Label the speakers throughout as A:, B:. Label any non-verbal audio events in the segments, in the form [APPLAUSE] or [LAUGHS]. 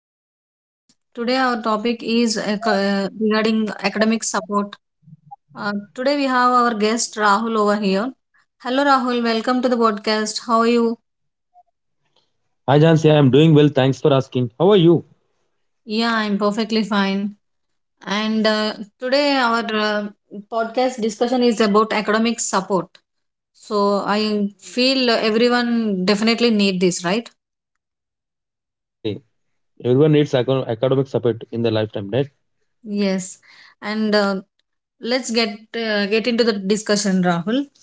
A: to the podcast. Today our topic is regarding academic support. Today we have our guest Rahul over here. Hello Rahul, welcome to the podcast. How are you?
B: Hi Jansi, I'm doing well. Thanks for asking. How are you?
A: Yeah, I'm perfectly fine. And Today our uh, podcast discussion is about academic support. So I feel everyone definitely need this, right?
B: Exactly. Everyone needs academic support in their lifetime, right?
A: Yes. And Let's get into the discussion, Rahul.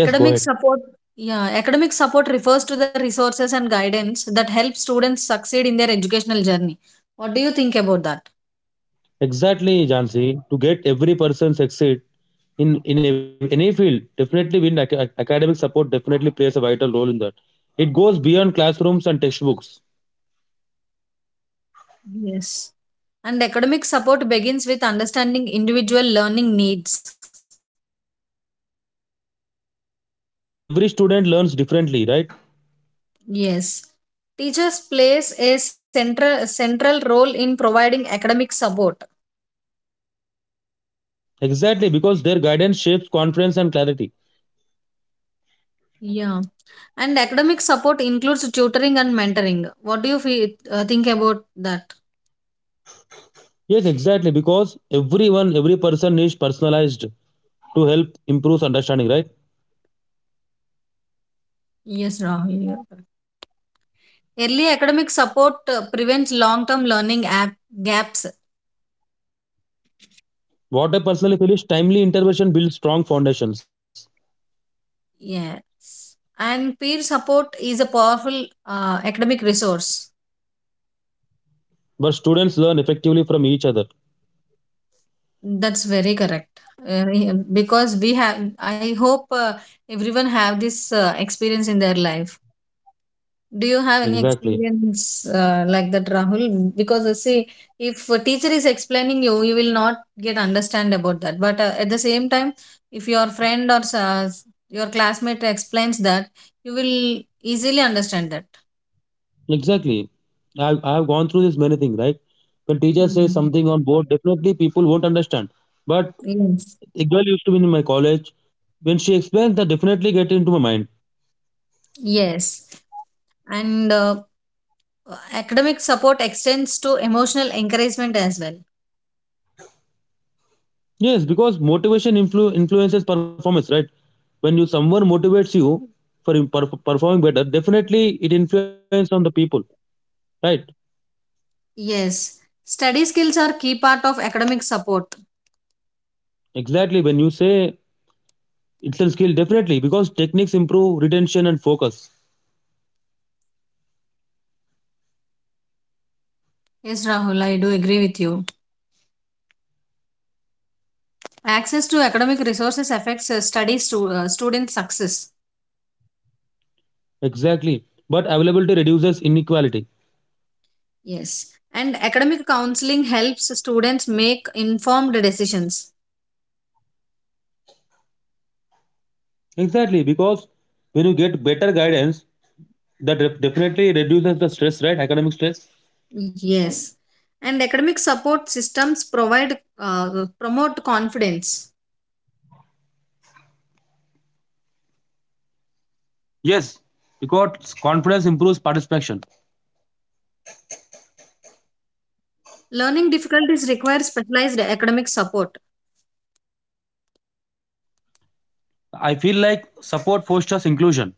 B: Yes, go ahead.
A: support, yeah, academic support refers to the resources and guidance that help students succeed in their educational journey. What do you think about that?
B: Exactly, Jansi. To get every person succeed in any field, definitely win academic support definitely plays a vital role in that. It goes beyond classrooms and textbooks.
A: Yes. And academic support begins with understanding individual learning needs.
B: I feel like every student learns differently, right?
A: Yes. Teachers plays a central role in providing academic support.
B: Exactly, because their guidance shapes confidence and clarity.
A: Yeah. And academic support includes tutoring and mentoring. What do you feel, think about that?
B: Yes, exactly, because everyone, every person needs personalized to help improve understanding, right?
A: Yes, Rahul. Early academic support prevents long term gaps.
B: What I personally feel is timely intervention builds strong foundations,
A: Yes. And peer support is a powerful academic resource.
B: but students learn effectively from each other.
A: That's very correct. Because we have, I hope everyone have this experience in their life. Do you have any
B: Exactly.
A: experience like that, Rahul? Because I see, if a teacher is explaining you, you will not get understand about that. But at the same time, if your friend or your classmate explains that, you will easily understand that.
B: Exactly. I've gone through this many things, right? When teachers say
A: Mm.
B: something on board, definitely people won't understand. But
A: Yes.
B: a girl used to be in my college. When she explains, that definitely get into my mind.
A: Yes. And Academic support extends to emotional encouragement as well.
B: Yes, because motivation influences performance, right? When you someone motivates you for performing better, definitely it influences on the people, right?
A: Yes. Study skills are key part of academic support.
B: Exactly. When you say it's a skill, definitely, because techniques improve retention and focus.
A: Yes, Rahul, I do agree with you. Access to academic resources affects student success.
B: Exactly. But availability reduces inequality.
A: Yes. And academic counseling helps students make informed decisions.
B: Exactly, because when you get better guidance, that definitely reduces the stress, right? Academic stress.
A: Yes. And academic support systems provide promote confidence.
B: Yes, because confidence improves participation.
A: Learning difficulties require specialized academic support.
B: I feel like support fosters inclusion.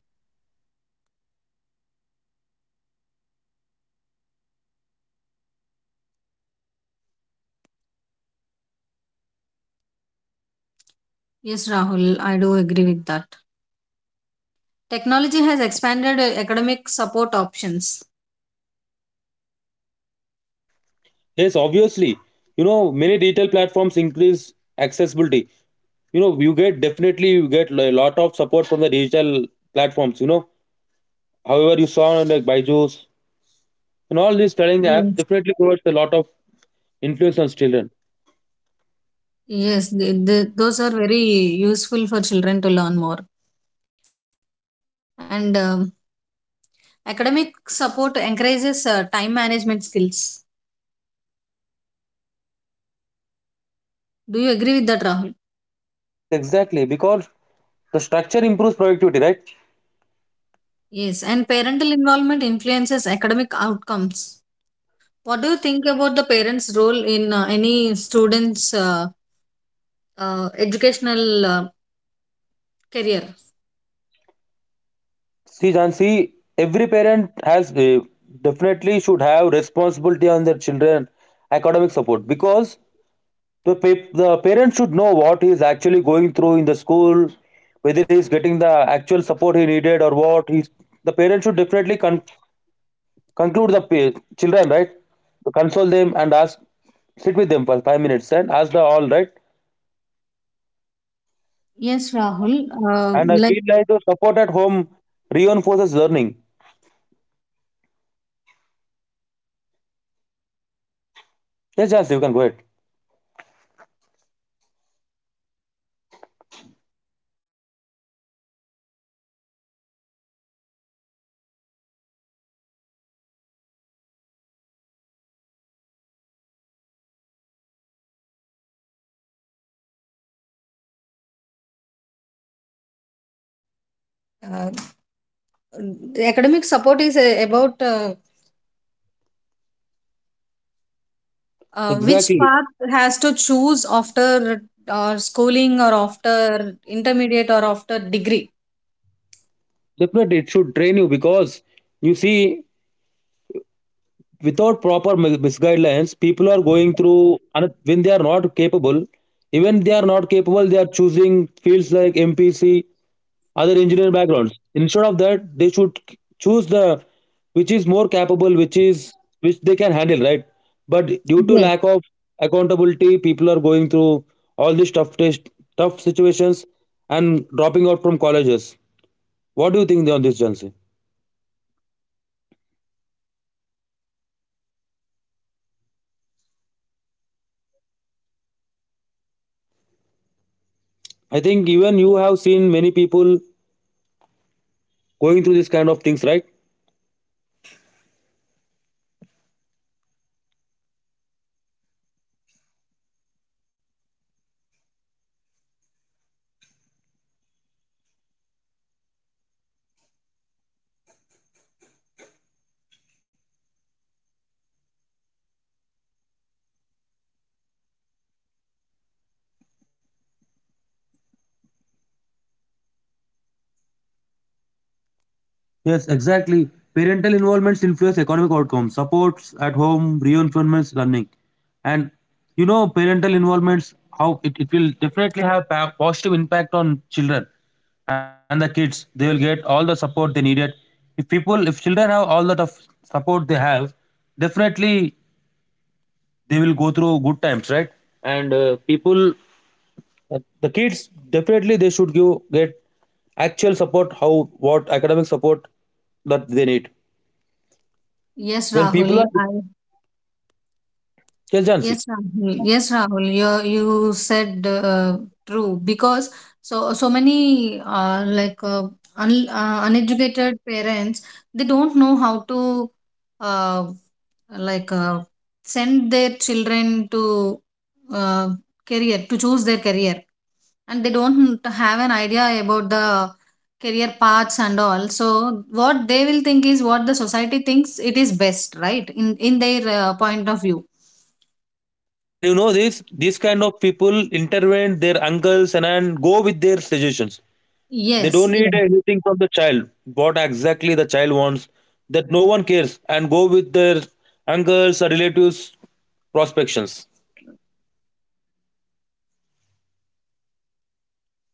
A: Yes, Rahul, I do agree with that. Technology has expanded academic support options.
B: Yes, obviously. Many digital platforms increase accessibility. You get definitely you get a lot of support from the digital platforms. However, you saw on like Byju's, and all these studying apps
A: Yes.
B: definitely provides a lot of influence on children.
A: Yes, those are very useful for children to learn more. And Academic support encourages time management skills. Do you agree with that, Rahul?
B: Yes, exactly. Because the structure improves productivity, right?
A: Yes. And parental involvement influences academic outcomes. What do you think about the parents' role in any student's educational career?
B: See, John, see, every parent has definitely should have responsibility on their children academic support because the parent should know what he is actually going through in the school, whether he is getting the actual support he needed or what he's. The parent should definitely conclude the page, children, right? Console them and ask, sit with them for 5 minutes and ask the all, right?
A: Yes, Rahul.
B: And I
A: Like
B: feel like the support at home reinforces learning. Yes, yes, you can go ahead.
A: uh, the academic support is about which
B: Exactly.
A: path has to choose after schooling or after intermediate or after degree.
B: Definitely, it should train you because you see, without proper misguidelines, people are going through, and when they are not capable, even they are not capable, they are choosing fields like MPC, other engineering backgrounds. Instead of that they should choose the which is more capable, which is which they can handle, right? But due to
A: Yes.
B: lack of accountability, people are going through all these tough test, tough situations, and dropping out from colleges. What do you think on this, Jansi?
A: Yes, Rahul. And uh, w- what do you think that?
B: I think even you have seen many people going through this kind of things, right? Yes, exactly. Parental involvements influence economic outcomes, supports at home, reinforcements learning. And parental involvements, how it will definitely have positive impact on children and the kids. They will get all the support they needed. If people, if children have all that of support they have, definitely they will go through good times, right? And people, the kids, definitely they should give get actual support, how what academic support that they need.
A: Yes,
B: When people
A: Rahul.
B: are,
A: I
B: yes,
A: Yes,
B: Jansi.
A: Rahul. Yes, Rahul. You said true because so so many uneducated parents they don't know how to uh, like uh, send their children to uh, career, to choose their career, and they don't have an idea about the career paths and all. So what they will think is what the society thinks it is best, right? In their point of view.
B: And you know this, these kind of people intervene their uncles, and go with their suggestions. They
A: Yes,
B: don't need
A: yes,
B: anything from the child. What exactly the child wants, that no one cares, and go with their uncles or relatives prospections.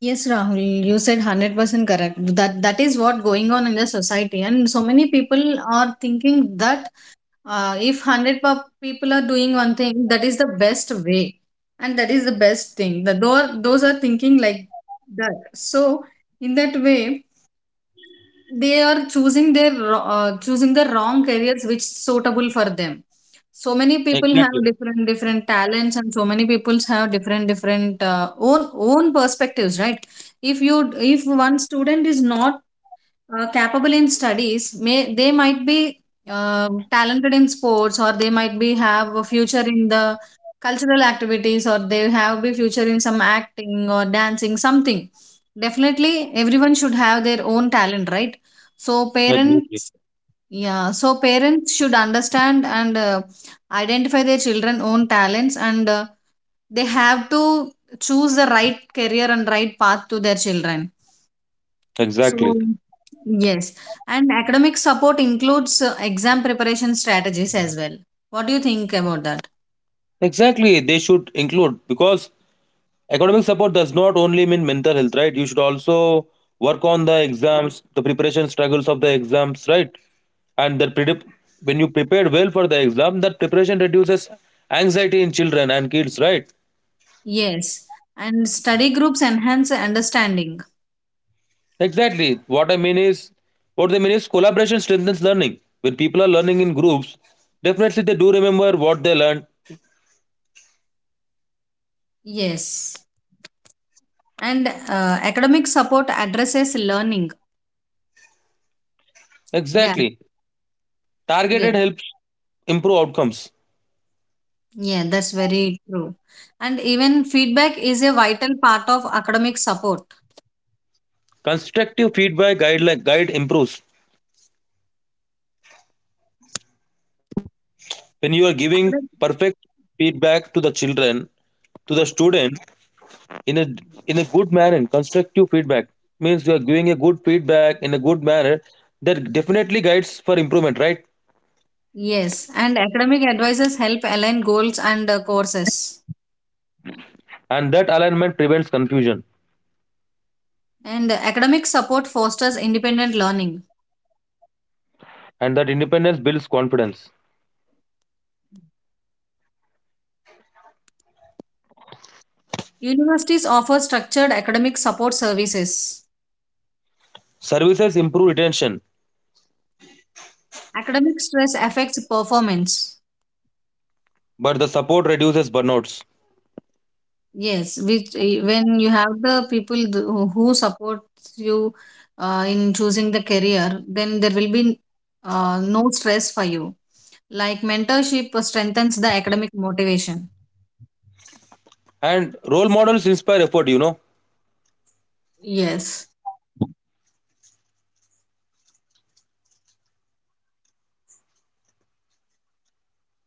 A: yes, Rahul. You said 100% correct. That is what going on in the society, and so many people are thinking that if people are doing one thing, that is the best way and that is the best thing. Those are thinking like that. So in that way they are choosing choosing the wrong careers which suitable for them. So many people have
B: Exactly.
A: different talents, and so many people have different own perspectives, right? If you if one student is not capable in studies, may they might be talented in sports, or they might be have a future in the cultural activities, or they have be future in some acting or dancing something. Definitely, everyone should have their own talent, right? So
B: Exactly.
A: parents, yeah, so parents should understand and identify their children own talents, and they have to choose the right career and right path to their children. So
B: Exactly.
A: yes, and academic support includes exam preparation strategies as well. What do you think about that?
B: Exactly, they should include because academic support does not only mean mental health, right? You should also work on the exams, the preparation struggles of the exams, right? And when you prepare well for the exam, that preparation reduces anxiety in children and kids, right?
A: Yes, and study groups enhance understanding.
B: Exactly. What I mean is, what they mean is collaboration strengthens learning. When people are learning in groups, definitely they do remember what they learned.
A: Yes, and academic support addresses learning gap.
B: Exactly.
A: Yeah,
B: Targeted helps improve outcomes.
A: yeah, that's very true. And even feedback is a vital part of academic support.
B: Constructive feedback guideline guide improves. When you are giving
A: Academic.
B: perfect feedback to the children, to the student in a in a good manner, constructive feedback means you are giving a good feedback in a good manner, that definitely guides for improvement, right?
A: Yes, and academic advisors help align goals and courses.
B: And that alignment prevents confusion,
A: And academic support fosters independent learning.
B: and that independence builds confidence.
A: Universities offer structured academic support services.
B: Services improve retention,
A: Academic stress affects performance.
B: but the support reduces burnouts.
A: Yes, which when you have the who support you in choosing the career, then there will be no stress for you. Like mentorship strengthens the academic motivation.
B: And role models inspire effort.
A: Yes, and academic support includes career guidance. As we discussed earlier,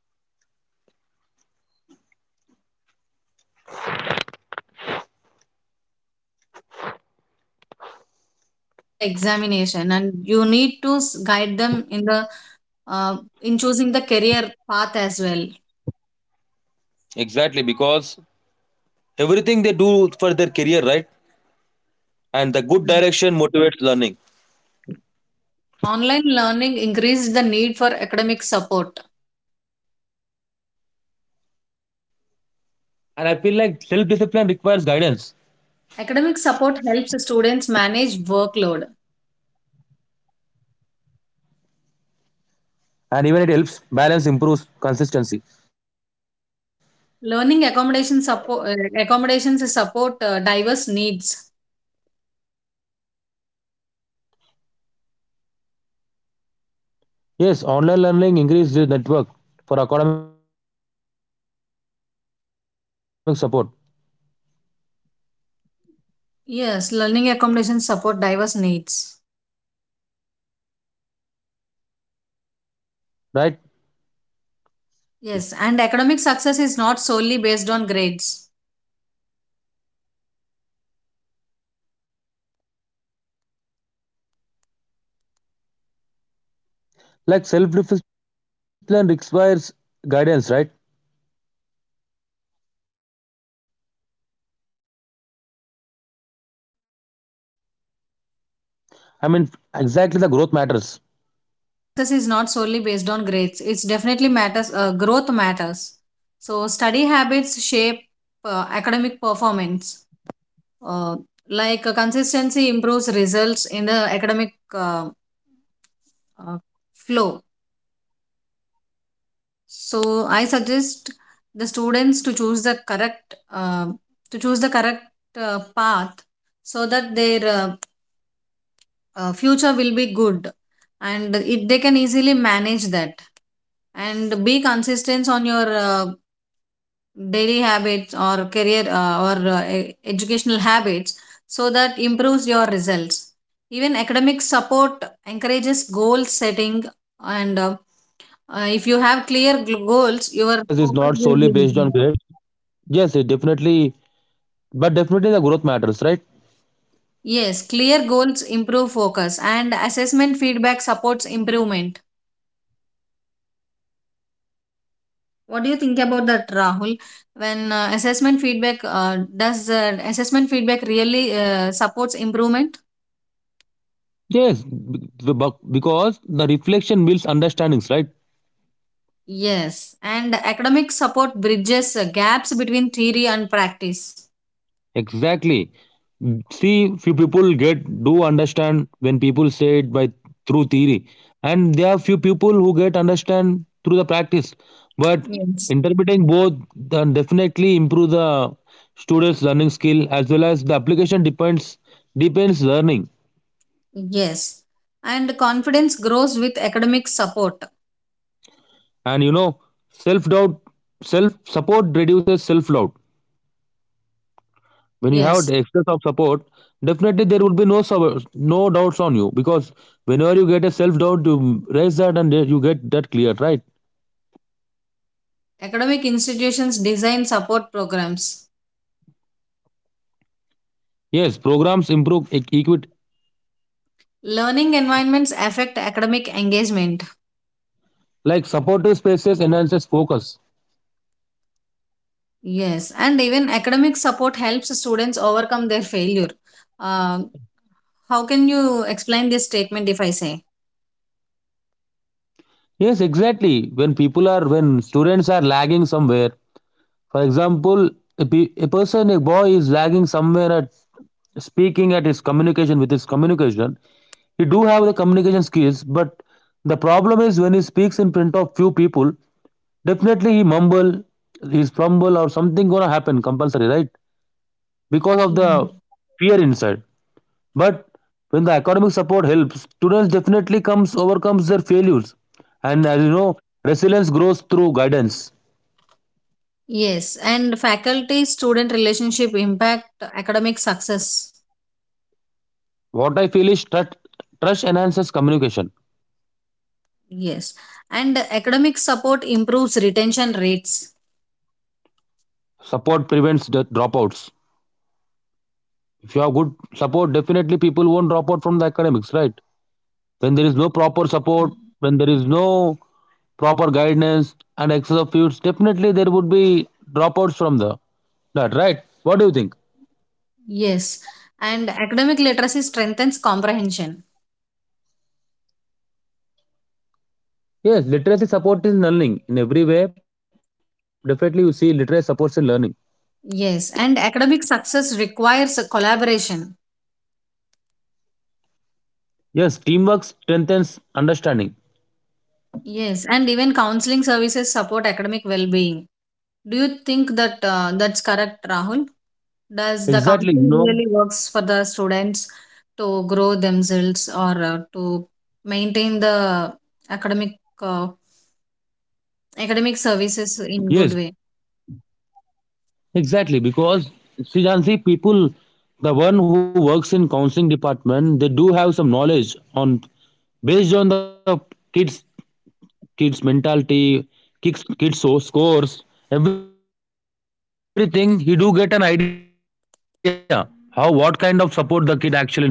A: academic support means you should not only support the children or students in to read or to have to pass the examination, and you need to guide them in the uh, in choosing the career path as well.
B: Exactly, because everything they do for their career, right? And the good direction motivates learning.
A: Online learning increased the need for academic support.
B: And I feel like self discipline requires guidance.
A: Academic support helps students manage workload.
B: And even it helps balance improves consistency.
A: Learning accommodation support. Accommodations support diverse needs.
B: Yes, online learning increases the network for academic support, right?
A: Yes, learning accommodations support diverse needs.
B: Exactly.
A: Yes, and academic success is not solely based on grades.
B: Like self discipline requires guidance, right?
A: Yes, and
B: I mean,
A: uh,
B: exactly the growth
A: s-
B: matters.
A: academic success is not solely based on grades. It's definitely matters. Growth matters. So study habits shape academic performance. Uh, like consistency improves results in the academic uh, flow. So I suggest the students to choose the correct to choose the correct path, so that their future will be good and it, they can easily manage that, and be consistent on your daily habits or career or educational habits, so that improves your results.
B: Yes,
A: Even
B: definitely. I agree
A: academic
B: with you,
A: support
B: Jansi,
A: encourages
B: on this
A: goal
B: point.
A: setting,
B: And
A: and uh,
B: as you
A: uh,
B: said,
A: if you
B: academic
A: have
B: studies
A: goals your
B: success is not
A: focus
B: solely
A: will be
B: based on
A: improved.
B: grades. Yes, it definitely, but definitely the growth matters, right?
A: Yes, clear goals improve focus, and assessment feedback supports improvement. What do you think about that, Rahul? When assessment feedback does assessment feedback really supports improvement?
B: Yes, because the reflection builds understandings, right?
A: Yes, and academic support bridges gaps between theory and practice.
B: Exactly. See, few people get do understand when people say it by through theory, and there are few people who get understand through the practice. But
A: Yes.
B: interpreting both then definitely improve the students' learning skill as well as the application depends learning.
A: Yes. And confidence grows with academic support.
B: And self doubt, self support reduces self doubt. When you have
A: Yes.
B: the excess of support, definitely there would be no doubts on you, because whenever you get a self doubt, you raise that and you get that cleared, right?
A: Academic institutions design support programs.
B: Yes, programs improve equity.
A: Learning environments affect academic engagement.
B: Like supportive spaces enhances focus.
A: Yes, and even academic support helps students overcome their failure. Uh, how can you explain this statement if I say?
B: Yes, exactly, when students are lagging somewhere. For example, a person, a boy is lagging somewhere at speaking at his communication, with his communication. He do have the communication skills, but the problem is when he speaks in front of few people, definitely he mumble, he's fumble, or something gonna happen compulsory, right? Because of
A: Mhm.
B: the fear inside. But when the academic support helps, students definitely comes overcomes their failures. And as you know, resilience grows through guidance.
A: Yes, and faculty student relationship impact academic success.
B: What I feel is trust. Trust enhances communication.
A: Yes, and academic support improves retention rates.
B: Support prevents the dropouts. If you have good support, definitely people won't drop out from the academics, right? When there is no proper support, when there is no proper guidance and excess of fields, definitely there would be dropouts from the that, right? What do you think?
A: Yes, and academic literacy strengthens comprehension.
B: Yes, literacy supports in learning in every way. Definitely, you see literacy supports in learning.
A: Yes, and academic success requires collaboration.
B: Yes, teamwork strengthens understanding.
A: Yes, and even counseling services support academic well being. Do you think that that's correct, Rahul? Does the
B: Exactly.
A: counseling really works for the students to grow themselves or to maintain the academic uh, academic services
B: Yes,
A: in good way?
B: exactly, because Srijansi, people, the one who works in counseling department, they do have some knowledge on based on the kids kids mentality, kids so scores, everything. He do get an idea how what kind of support the kid actually needs, and they do work on that and make things happen.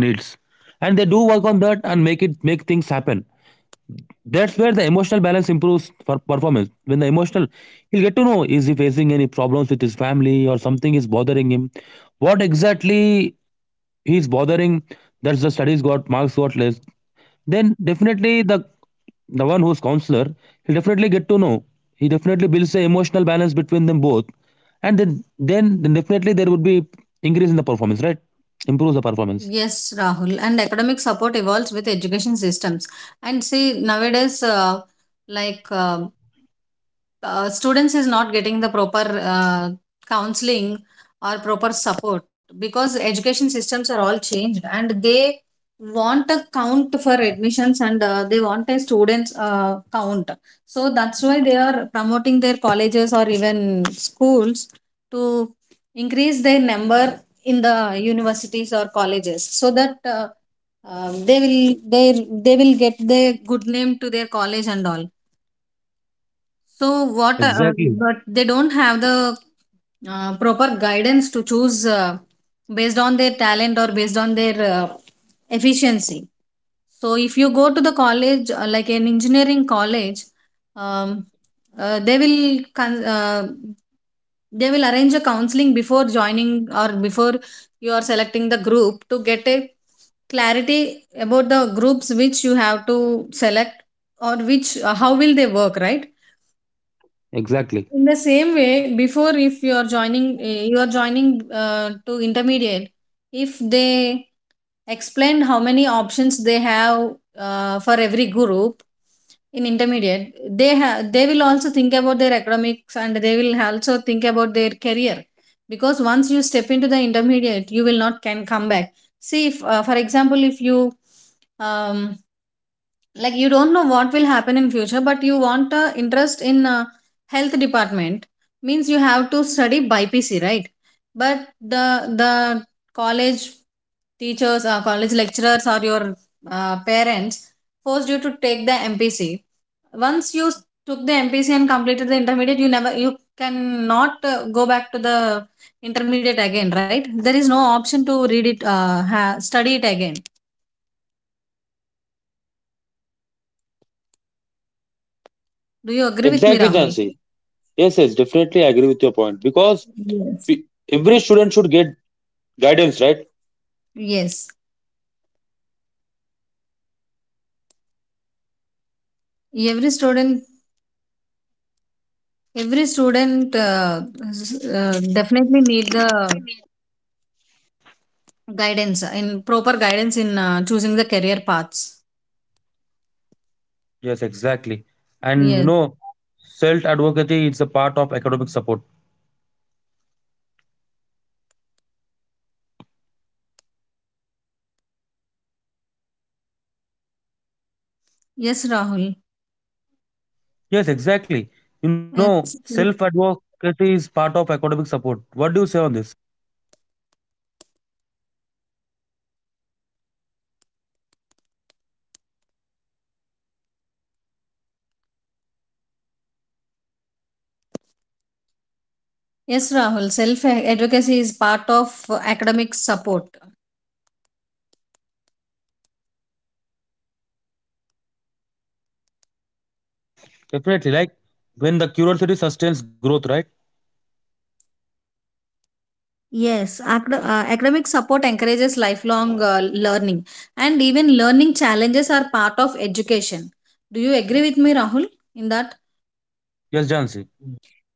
B: That's where the emotional balance improves for performance. When the emotional, he'll get to know is he facing any problems with his family or something is bothering him. What exactly he's bothering, that the studies got marks got less, then definitely the one who's counselor, he'll definitely get to know. He definitely builds a emotional balance between them both, and then definitely there would be increase in the performance, right? Improves the performance.
A: Yes, Rahul. And academic support evolves with education systems. And see, nowadays, like students is not getting the proper uh, counseling or proper support, because education systems are all changed and they want a count for admissions, and they want a students count, so that's why they are promoting their colleges or even schools to increase their number in the universities or colleges, so that they will they will get the good name to their college and all. So what?
B: Exactly.
A: But they don't have the proper guidance to choose based on their talent or based on their efficiency. So if you go to the college, like an engineering college, um, they will they will arrange a counseling before joining, or before you are selecting the group, to get a clarity about the groups which you have to select, or which how will they work, right?
B: Exactly.
A: In the same way, before, if you are joining you are joining to intermediate, if they explained how many options they have for every group in intermediate, they have they will also think about their academics and they will also think about their career, because once you step into the intermediate you will not can come back. See if, for example, if you um, like you don't know what will happen in future but you want a interest in health department, means you have to study by PC right? But the the college teachers or college lecturers or your parents forced you to take the MPC. Once you took the MPC and completed the intermediate, you never you cannot go back to the intermediate again, right? There is no option to read it study it again. Do you agree with me,
B: Exactly,
A: Rahul?
B: Jansi. Yes, yes, definitely I agree with your point, because
A: Yes.
B: we- every student should get guidance, right?
A: Yes, every student, every student definitely need the guidance in proper guidance in choosing the career paths.
B: Yes, exactly. And
A: Yes,
B: self advocacy is a part of academic support.
A: yes, Rahul.
B: Yes, exactly.
A: Yes,
B: Self advocacy is part of academic support. What do you say on this?
A: yes, Rahul. Self advocacy is part of academic support.
B: Definitely, like when the curiosity sustains growth, right?
A: Yes, academic support encourages lifelong learning, and even learning challenges are part of education. Do you agree with me, Rahul, in that?
B: Yes, Jansi.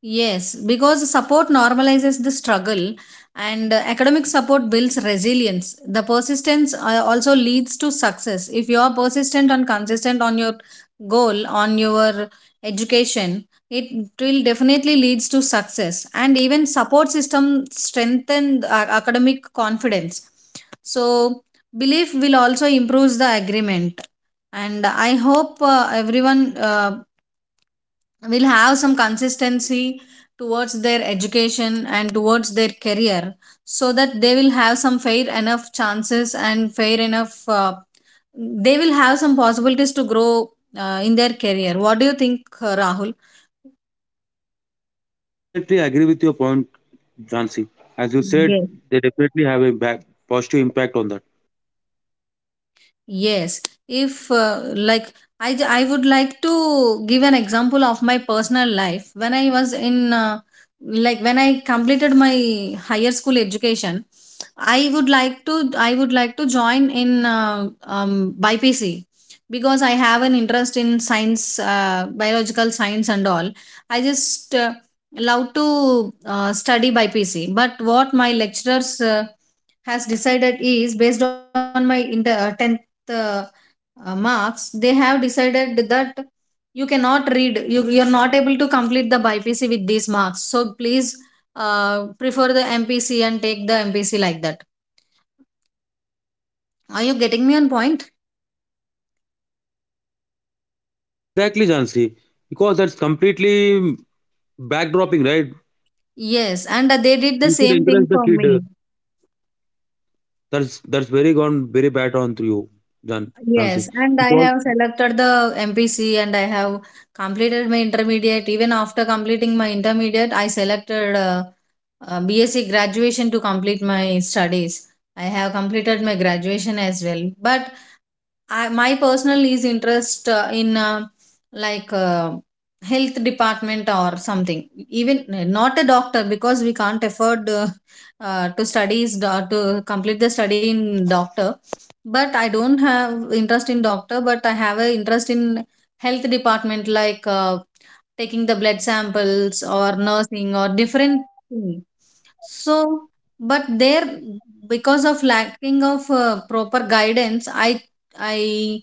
A: Yes, because support normalizes the struggle, and academic support builds resilience. The persistence also leads to success. If you are persistent and consistent on your goal, on your education, it will definitely leads to success. And even support system strengthen academic confidence. So belief will also improves the agreement. And I hope everyone will have some consistency towards their education and towards their career so that they will have some fair enough chances and fair enough they will have some possibilities to grow in their career. What do you think, Rahul?
B: Yes, definitely I agree with your point, Jansi. As you said, they definitely have a positive impact on that.
A: Yes, if like I would like to give an example of my personal life. When I was in, like, when I completed my higher school education, I would like to join in BPC because I have an interest in science, biological science and all. I just love to study BPC. But what my lecturers has decided is based on my tenth uh, marks. They have decided that you cannot read, you're not able to complete the bypc with these marks, so please prefer the mpc and take the mpc, like that. Are you getting me on point?
B: Exactly, Jansi. Because that's completely backdropping, right?
A: Yes, and they did the
B: You should
A: same thing
B: encourage the
A: for me.
B: kid. That's very gone very bad on to you, Jan
A: Yes,
B: Jansi.
A: and I
B: Because
A: have selected the mpc and I have completed my intermediate. Even after completing my intermediate, I selected bsc graduation to complete my studies. I have completed my graduation as well, but my personal is interest in like health department or something, even eh, not a doctor because we can't afford [LAUGHS] to to complete the study in doctor. But I don't have interest in doctor, but I have a interest in health department, like taking the blood samples or nursing or different thing. So, but there, because of lacking of proper guidance, I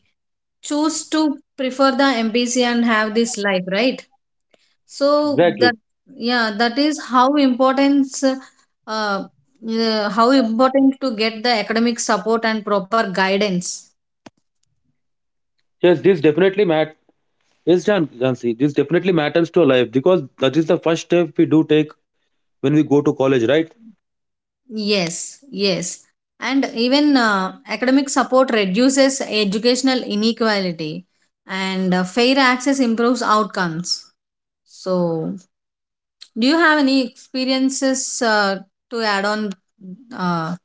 A: choose to prefer the MBC and have this life, right? So that
B: exactly.
A: yeah, that is how importance how important to get the academic support and proper guidance.
B: Yes, this definitely matters, yes, Jansi. This definitely matters to our life because that is the first step we do take when we go to college, right?
A: Yes, yes, and even academic support reduces educational inequality, and fair access improves outcomes. So, do you have any experiences to add on, uh,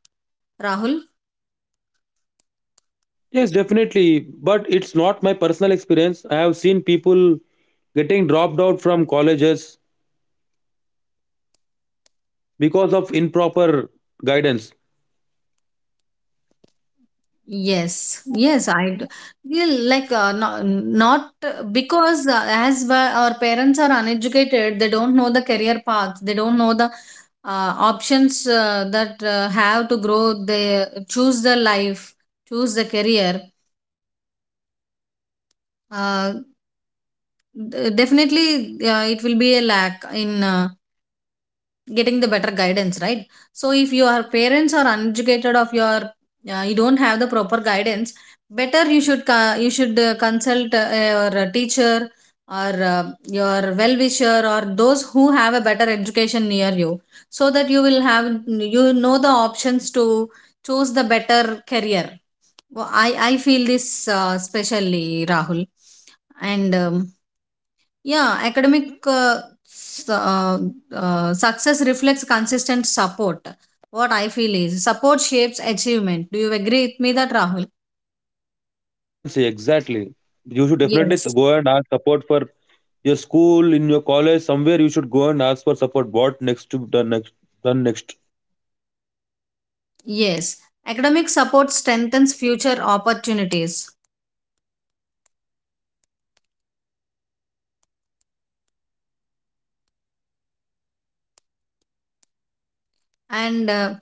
A: Rahul?
B: Yes, definitely. But it's not my personal experience. I have seen people getting dropped out from colleges because of improper guidance.
A: Yes, yes, I do. Yeah, like, not, because as our parents are uneducated, they don't know the career path, they don't know the options that have to grow, they choose the life, choose the career. Uh, Definitely, it will be a lack in. Getting the better guidance, right? So if your parents are uneducated of your you don't have the proper guidance, better you should you should consult your teacher or your well wisher or those who have a better education near you, so that you will have, you know, the options to choose the better career. I feel this especially Rahul, and yeah, academic s- uh, success reflects consistent support. What I feel is support shapes achievement. Do you agree with me that, Rahul?
B: Yes, Jansi, exactly. You should definitely
A: Yes.
B: go and ask support for your school, in your college, somewhere you should go and ask for support. What next to done next.
A: Yes. Academic support strengthens future opportunities. And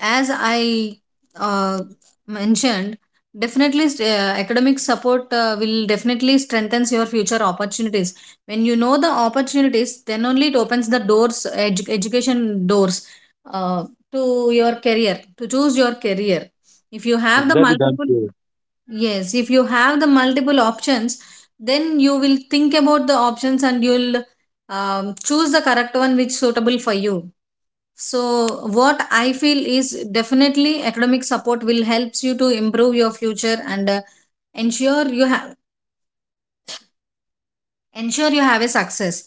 A: as I uh, mentioned, definitely academic support will definitely strengthens your future opportunities. When you know the opportunities, then only it opens the doors, education doors, uh, to your career, to choose your career. If you have the
B: Exactly,
A: multiple,
B: Jansi.
A: yes, if you have the multiple options, then you will think about the options and you'll choose the correct one which suitable for you. So what I feel is definitely academic support will helps you to improve your future and ensure you have ensure you have a success.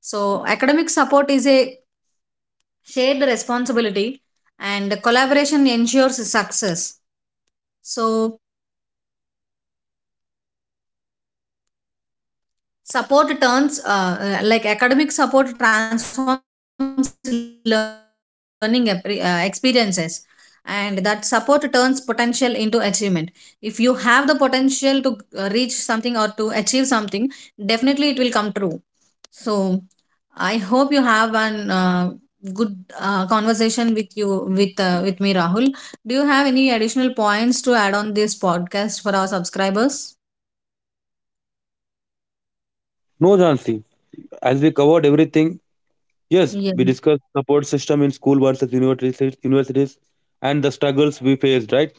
A: So academic support is a shared responsibility and collaboration ensures success. So support turns, like academic support transforms learning experiences, and that support turns potential into achievement. If you have the potential to reach something or to achieve something, definitely it will come true. So, I hope you have an good conversation with you with me, Rahul. Do you have any additional points to add on this podcast for our subscribers?
B: No, Jansi. As we covered everything, yes,
A: Yeah,
B: we discussed support system in school versus universities and the struggles we faced, right?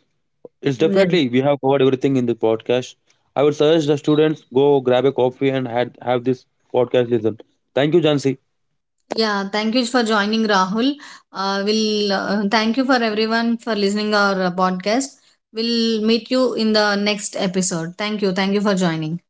B: It's
A: yeah.
B: definitely we have covered everything in the podcast. I would suggest the students go grab a coffee and had have this podcast listen. Thank you, Jansi.
A: Yeah, thank you for joining, Rahul. We'll Thank you for everyone for listening our podcast. We'll meet you in the next episode. Thank you. Thank you for joining.